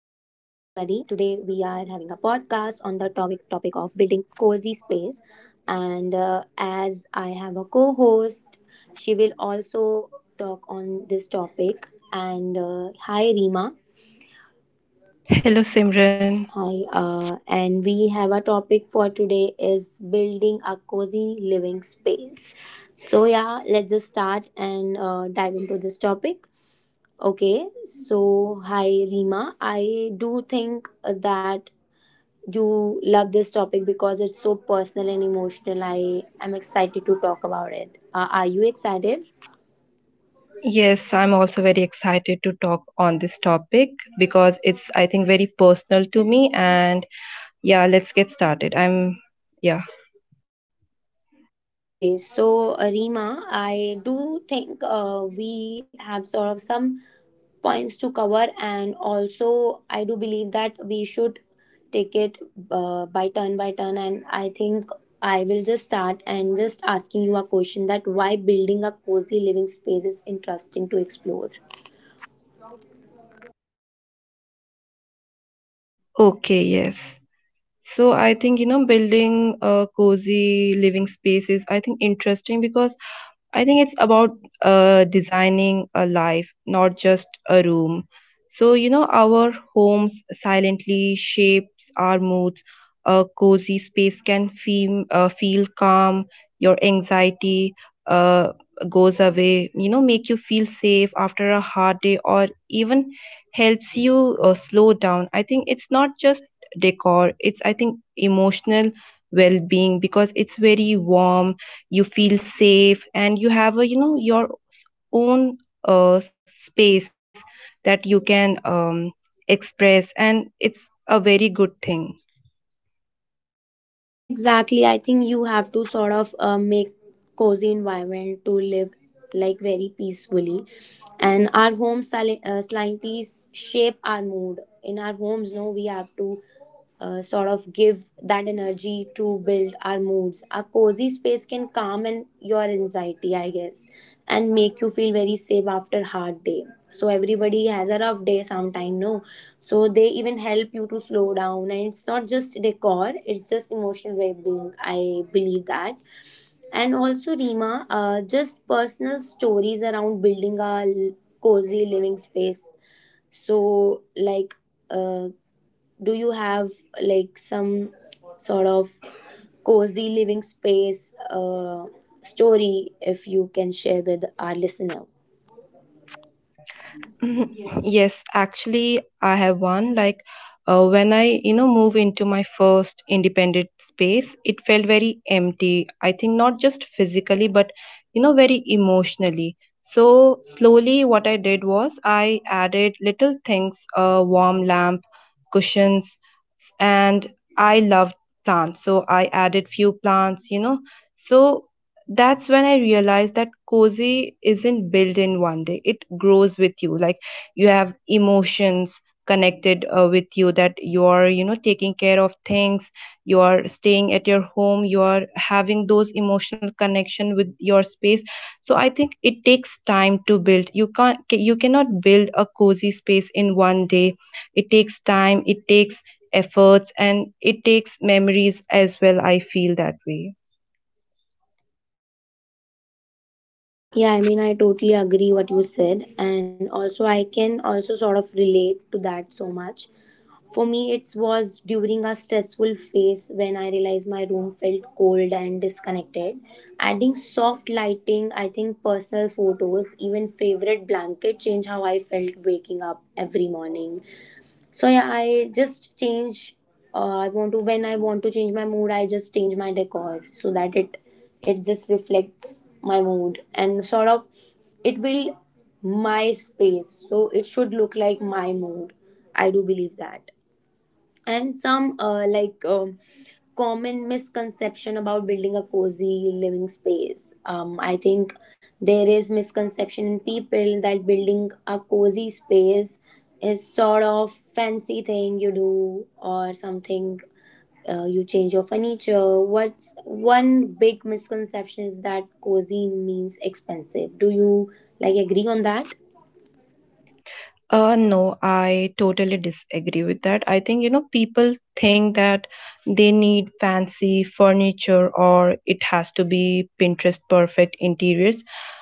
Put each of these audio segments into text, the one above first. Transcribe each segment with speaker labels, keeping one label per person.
Speaker 1: we are having a podcast on the topic of building cozy space and as I have a co-host, she will also talk on this topic and hi Rima.
Speaker 2: Hello, Simran.
Speaker 1: Hi and we have a topic for today is building a cozy living space. So yeah, let's just start and dive into this topic. Okay, so hi Rima. I do think that you love this topic because it's so personal and emotional. I am excited to talk about it. Are you excited?
Speaker 2: Yes, I'm also very excited to talk on this topic because it's, I think, very personal to me. And yeah, let's get started. I'm, yeah.
Speaker 1: Okay, so Rima, I do think we have sort of some points to cover, and also I do believe that we should take it by turn by turn, and I think I will just start and just asking you a question that why building a cozy living space is interesting to explore.
Speaker 2: Okay, yes. So I think, you know, building a cozy living space is, I think, interesting because I think it's about designing a life, not just a room. So, you know, our homes silently shapes our moods. A cozy space can feel, feel calm, your anxiety uh, goes away, you know, make you feel safe after a hard day or even helps you slow down. I think it's not just decor, it's, I think, emotional well-being because it's very warm, you feel safe and you have a, you know, your own uh, space that you can express, and it's a very good thing.
Speaker 1: Yeah, exactly. I think you have to sort of make cozy environment to live like very peacefully, and our homes slightly shape our mood in our homes, no? We have to sort of give that energy to build our moods. Our cozy space can calm and your anxiety, I guess, and make you feel very safe after hard day. So everybody has a rough day sometime, no? So they even help you to slow down, and it's not just decor; it's just emotional well-being. I believe that. And also, Rima, just personal stories around building a cozy living space, so like, uh, do you have like some sort of cozy living space story if you can share with our listener?
Speaker 2: Mhm. Yes, actually, I have one. Like, when I, you know, move into my first independent space, it felt very empty. I think not just physically, but, you know, very emotionally. So, slowly, what I did was I added little things, a warm lamp, cushions, and I loved plants, so I added few plants, you know. So that's when I realized that cozy isn't built in one day, it grows with you. Like, you have emotions connected with you, that you are, you know, taking care of things, you are staying at your home, you are having those emotional connection with your space. So I think it takes time to build. You can't, you cannot build a cozy space in one day. It takes time, it takes efforts, and it takes memories as well, I feel that way.
Speaker 1: Yeah, I mean, I totally agree what you said, and also I can also sort of relate to that so much. For me it was during a stressful phase when I realized my room felt cold and disconnected. Adding soft lighting, I think, personal photos, even favorite blanket change how I felt waking up every morning. So yeah, I just change. I want to, when I want to change my mood, I just change my decor so that it just reflects my mood and sort of it will my space. So it should look like my mood. I do believe that, and some like common misconception about building a cozy living space. I think there is misconception in people that building a cozy space is sort of fancy thing you do or something. You change your furniture. What's one big misconception is that cozy means expensive. Do you like agree on that?
Speaker 2: No, I totally disagree with that. I think, you know, people think that they need fancy furniture or it has to be Pinterest perfect interiors.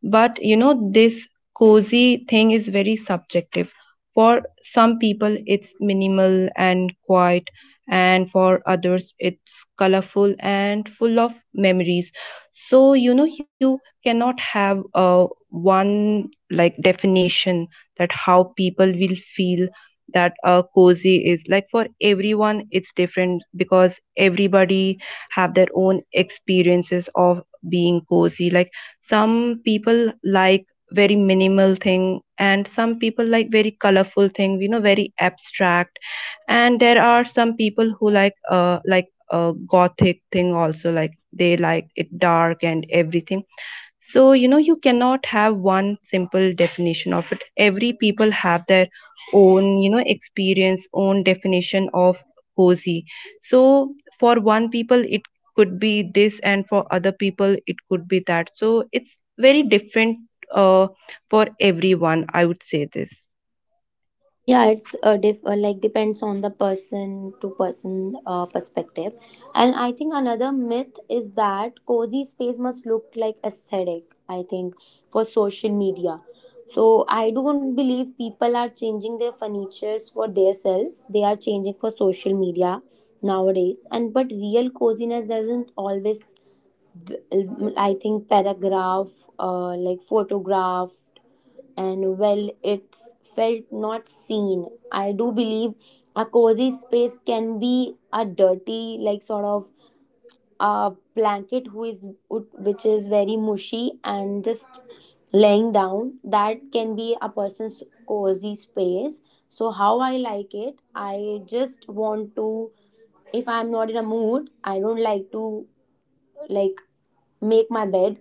Speaker 2: But, you know, this cozy thing is very subjective. For some people, it's minimal and quiet, and for others, it's colorful and full of memories. So, you know, you cannot have one, like, definition that how people will feel, that a cozy is, like, for everyone it's different because everybody have their own experiences of being cozy. Like, some people like very minimal thing, and some people like very colorful thing, you know, very abstract. And there are some people who like, uh, like a gothic thing also, like they like it dark and everything. So, you know, you cannot have one simple definition of it. Every people have their own, you know, experience, own definition of cozy. So, for one people it could be this, and for other people it could be that. So it's very different uh, for everyone, I would say this.
Speaker 1: Yeah, it's like depends on the person to person perspective. And I think another myth is that cozy space must look like aesthetic, I think, for social media. So I don't believe people are changing their furnitures for themselves. They are changing for social media nowadays. And but real coziness doesn't always b- I think paragraph like photograph, and well, it's felt not seen, I do believe. A cozy space can be a dirty like sort of a blanket who is which is very mushy and just laying down. That can be a person's cozy space. So how I like it, I just want to, if I'm not in a mood, I don't like to like make my bed.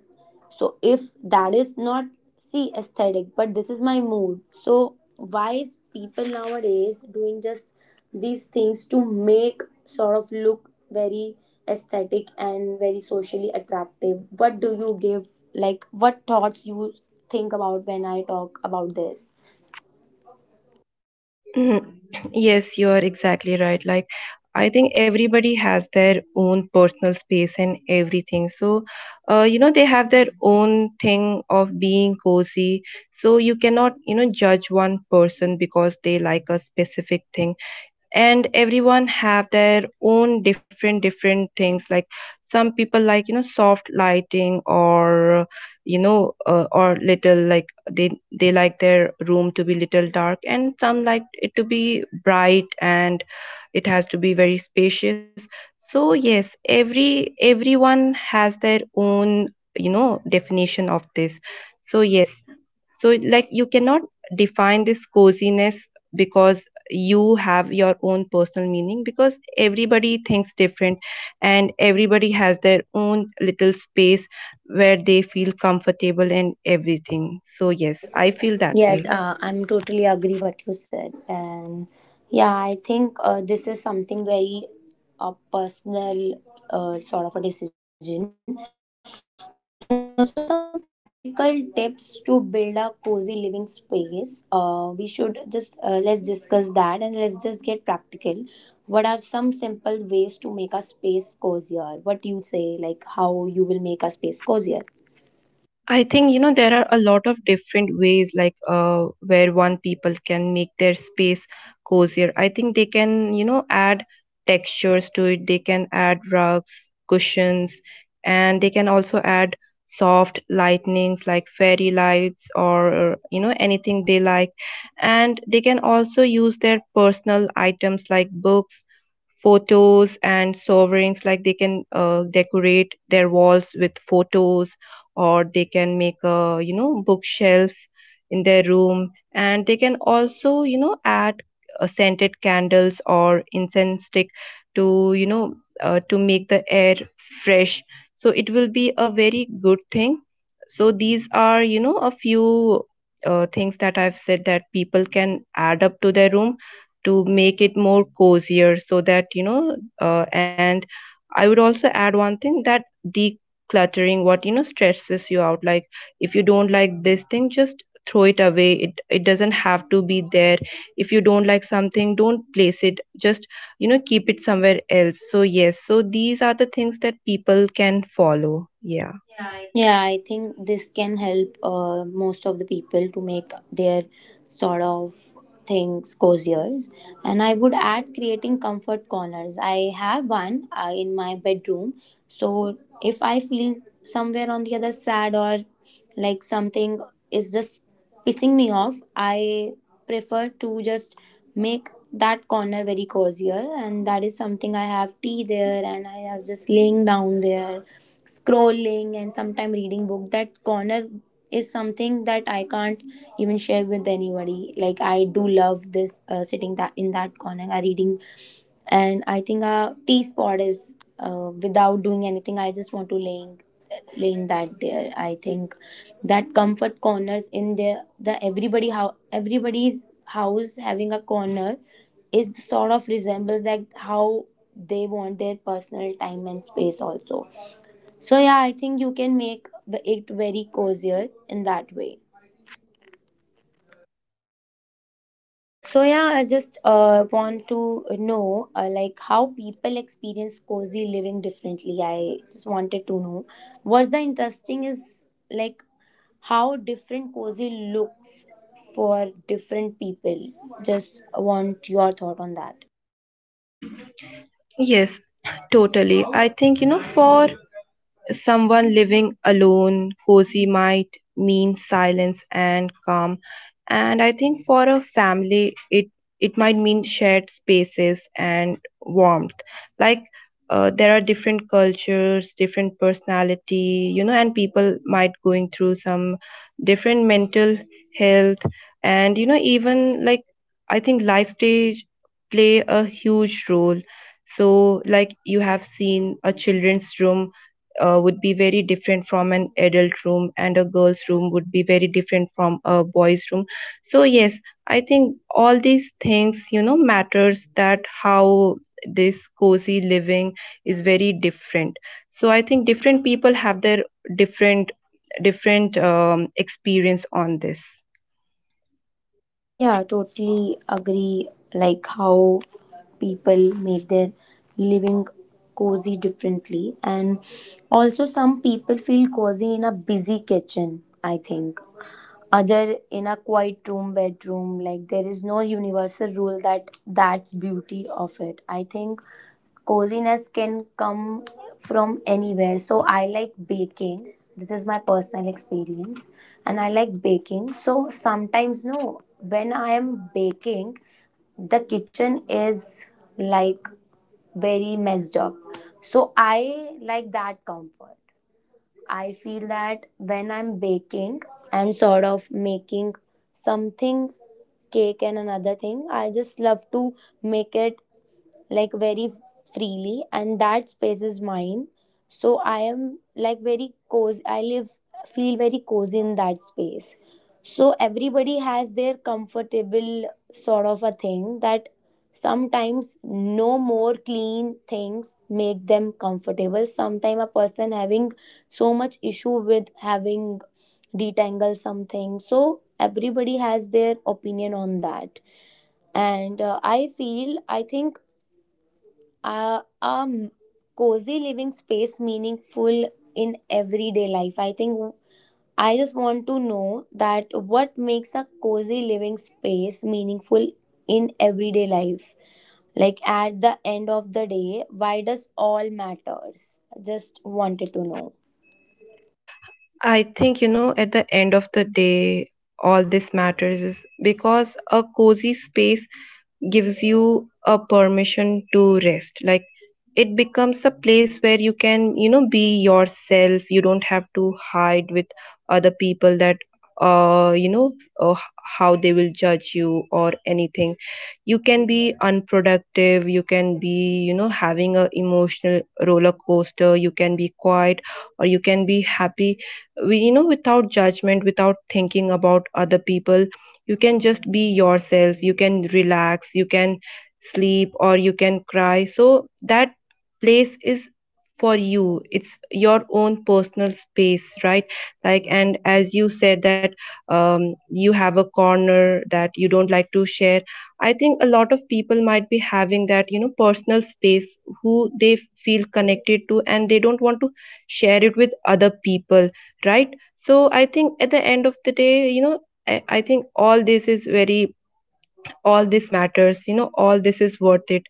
Speaker 1: So if that is not see aesthetic, but this is my mood. So why is people nowadays doing just these things to make sort of look very aesthetic and very socially attractive? What do you give, like what thoughts you think about when I talk about this?
Speaker 2: Mhm. Yes, you are exactly right. Like, I think everybody has their own personal space and everything. So, you know, they have their own thing of being cozy. So, you cannot, you know, judge one person because they like a specific thing, and everyone have their own different things. Like, some people like, you know, soft lighting, or you know, or little, like they like their room to be little dark, and some like it to be bright and it has to be very spacious. So yes, everyone has their own, you know, definition of this. So yes, so, like, you cannot define this coziness because you have your own personal meaning, because everybody thinks different and everybody has their own little space where they feel comfortable and everything. So, yes, I feel that
Speaker 1: Yes,
Speaker 2: way.
Speaker 1: I'm totally agree what you said, and yeah, I think this is something very a personal sort of a decision, and also some practical tips to build a cozy living space. We should just let's discuss that, and let's just get practical. What are some simple ways to make a space cozier? What do you say, like how you will make a space cozier?
Speaker 2: I think, you know, there are a lot of different ways, like, where one people can make their space cozier. I think they can, you know, add textures to it. They can add rugs, cushions, and they can also add soft lightnings like fairy lights, or you know, anything they like. And they can also use their personal items like books, photos, and sovereigns. Like, they can decorate their walls with photos, or they can make a, you know, bookshelf in their room, and they can also, you know, add scented candles or incense stick to, you know, to make the air fresh, so it will be a very good thing. So these are, you know, a few things that I've said that people can add up to their room to make it more cozier, so that you know, and I would also add one thing, that decluttering what, you know, stresses you out. Like, if you don't like this thing, just throw it away, it doesn't have to be there. If you don't like something, don't place it, just, you know, keep it somewhere else. So yes, so these are the things that people can follow, yeah.
Speaker 1: Yeah, I think this can help most of the people to make their sort of things cozier. And I would add creating comfort corners. I have one in my bedroom. So if I feel somewhere on the other sad or like something is just pissing me off, I prefer to just make that corner very cozier. And that is something I have tea there, and I have just laying down there scrolling and sometimes reading book. That corner is something that I can't even share with anybody. Like I do love this sitting that in that corner and reading, and I think our tea spot is without doing anything, I just want to laying that there. I think that comfort corners in the everybody, how everybody's house having a corner is sort of resembles like how they want their personal time and space also. So yeah, I think you can make it very cozier in that way. So yeah, I just want to know like how people experience cozy living differently. I just wanted to know what's the interesting is like how different cozy looks for different people. Just want your thought on that.
Speaker 2: Yes, totally. I think, you know, for someone living alone, cozy might mean silence and calm, and I think for a family it might mean shared spaces and warmth. Like, there are different cultures, different personality, you know, and people might going through some different mental health, and you know, even like, I think life stage play a huge role. So, like, you have seen a children's room would be very different from an adult room, and a girl's room would be very different from a boy's room. So yes, I think all these things, you know, matters, that how this cozy living is very different. So I think different people have their different different experience on this.
Speaker 1: Yeah, totally agree. Like how people make their living cozy differently, and also some people feel cozy in a busy kitchen, I think. Other in a quiet room, bedroom, like there is no universal rule. That that's beauty of it. I think coziness can come from anywhere. So I like baking. This is my personal experience, and I like baking. So sometimes, no, when I am baking, the kitchen is like very messed up. So I like that comfort. I feel that when I'm baking and sort of making something, cake. And another thing, I just love to make it like very freely, and that space is mine. So I am like very cozy I live feel very cozy in that space. So everybody has their comfortable sort of a thing that sometimes, no, more clean things make them comfortable, sometimes a person having so much issue with having detangle something. So everybody has their opinion on that. And I feel I think uh, um cozy living space meaningful in everyday life. I think I just want to know that what makes a cozy living space meaningful in everyday life. Like at the end of the day, why does all matters? Just wanted to know.
Speaker 2: I think, you know, at the end of the day all this matters is because a cozy space gives you a permission to rest. Like, it becomes a place where you can, you know, be yourself. You don't have to hide with other people that, uh, you know, uh, how they will judge you or anything. You can be unproductive, you can be, you know, having a emotional roller coaster, you can be quiet, or you can be happy, you know, without judgment, without thinking about other people. You can just be yourself, you can relax, you can sleep, or you can cry. So that place is for you, it's your own personal space, right? Like, and as you said that, you have a corner that you don't like to share. I think a lot of people might be having that, you know, personal space who they feel connected to, and they don't want to share it with other people, right. So I think at the end of the day, you know, I think all this is very, all this matters, you know, all this is worth it.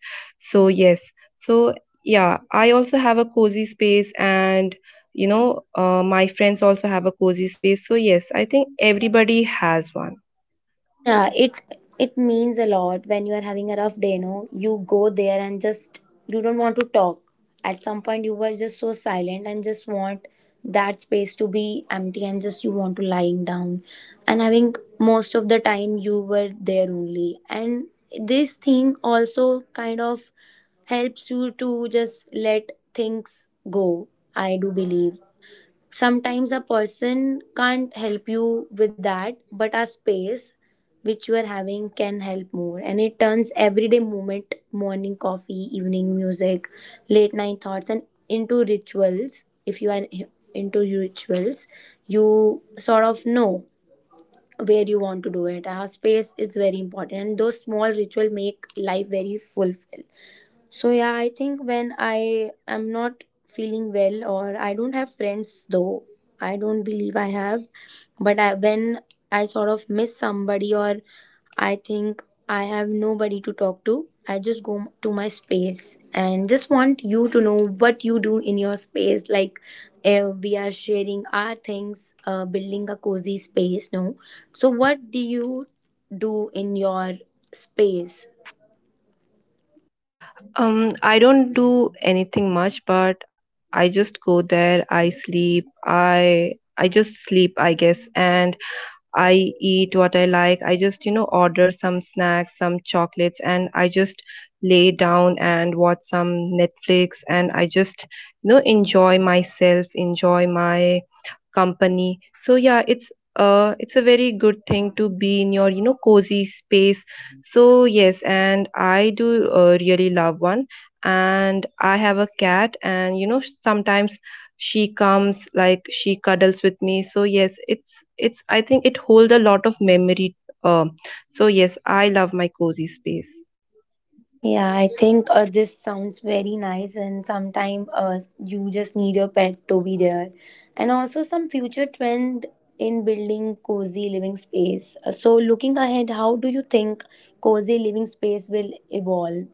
Speaker 2: So yes. So yeah, I also have a cozy space, and you know, my friends also have a cozy space. So yes, I think everybody has one.
Speaker 1: Yeah, it means a lot when you are having a rough day, no? You go there, and just you don't want to talk. At some point you were just so silent and just want that space to be empty, and just you want to lying down. And I think most of the time you were there only. And this thing also kind of helps you to just let things go. I do believe sometimes a person can't help you with that, but our space which we're having can help more. And it turns everyday moment, morning coffee, evening music, late night thoughts, and into rituals. If you are into rituals, you sort of know where you want to do it. Our space is very important, and those small rituals make life very fulfilling. So yeah, I think when I am not feeling well or I don't have friends, though I don't believe I have, but I, when I sort of miss somebody or I think I have nobody to talk to, I just go to my space and just want you to know what you do in your space. Like eh, we are sharing our things, building a cozy space. No, so what do you do in your space?
Speaker 2: Um, I don't do anything much, but I just go there, I sleep, I just sleep, I guess, and I eat what I like. I just, you know, order some snacks, some chocolates, and I just lay down and watch some Netflix, and I just, you know, enjoy myself, enjoy my company. So yeah, it's, it's a very good thing to be in your, you know, cozy space. So yes, and I do really love one, and I have a cat, and you know, sometimes she comes, like she cuddles with me. So yes, it's, I think, it holds a lot of memory, um. So yes, I love my cozy space.
Speaker 1: Yeah, I think this sounds very nice, and sometimes you just need your pet to be there. And also, some future trend in building cozy living space. So, looking ahead, how do you think cozy living space will evolve?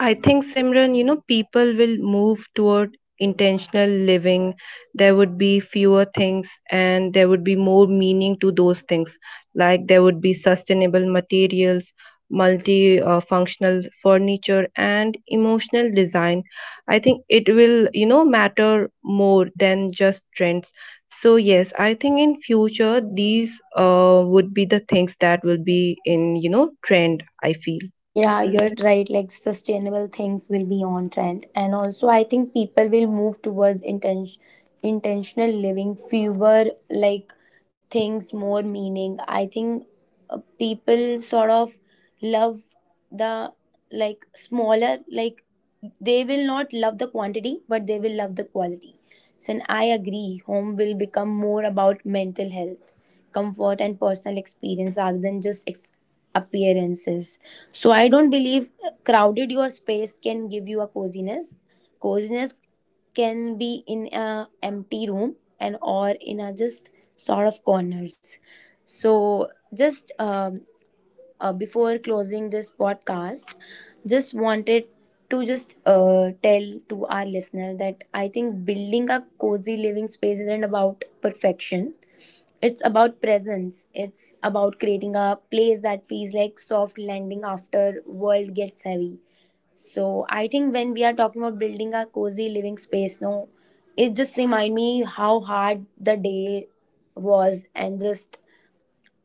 Speaker 2: I think Simran, you know, people will move toward intentional living. There would be fewer things and there would be more meaning to those things. Like there would be sustainable materials, multi functional furniture, and emotional design. I think it will, you know, matter more than just trends. So yes, I think in future these would be the things that will be in, you know, trend, I feel.
Speaker 1: Yeah, you're right. Like sustainable things will be on trend. And also I think people will move towards intentional living, fewer like things, more meaning. I think people sort of love the like smaller, like they will not love the quantity, but they will love the quality. So and I agree home will become more about mental health, comfort and personal experience rather than just appearances. So I don't believe crowded your space can give you a coziness. Coziness can be in a empty room and or in a just sort of corners. So just before closing this podcast, just wanted to just tell to our listener that I think building a cozy living space isn't about perfection, it's about presence. It's about creating a place that feels like soft landing after world gets heavy. So I think when we are talking about building a cozy living space, no, it just remind me how hard the day was, and just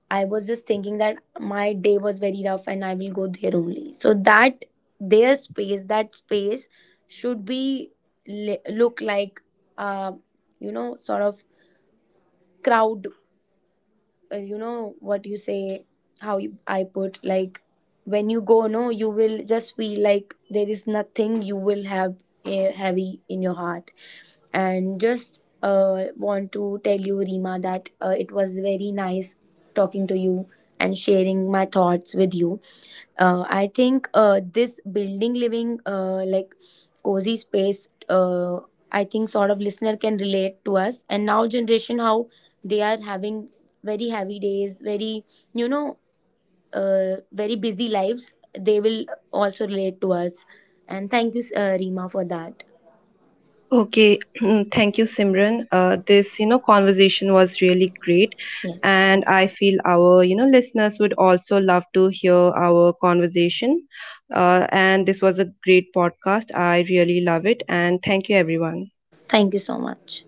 Speaker 1: I was just thinking that my day was very rough and I will go there only. So that their space, that space should be look like uh, you know sort of crowd, you know what you say, how you, I put like when you go, no, you will just feel like there is nothing, you will have heavy in your heart. And just want to tell you, Rima, that it was very nice talking to you and sharing my thoughts with you. I think this building living like cozy space. I think sort of listener can relate to us, and now generation how they are having very heavy days, very you know very busy lives. They will also relate to us. And thank you, Rima, for that.
Speaker 2: Okay, thank you, Simran. This, you know, conversation was really great,
Speaker 1: Yes,
Speaker 2: and I feel our, you know, listeners would also love to hear our conversation. And this was a great podcast. I really love it, and thank you, everyone.
Speaker 1: thank you so much.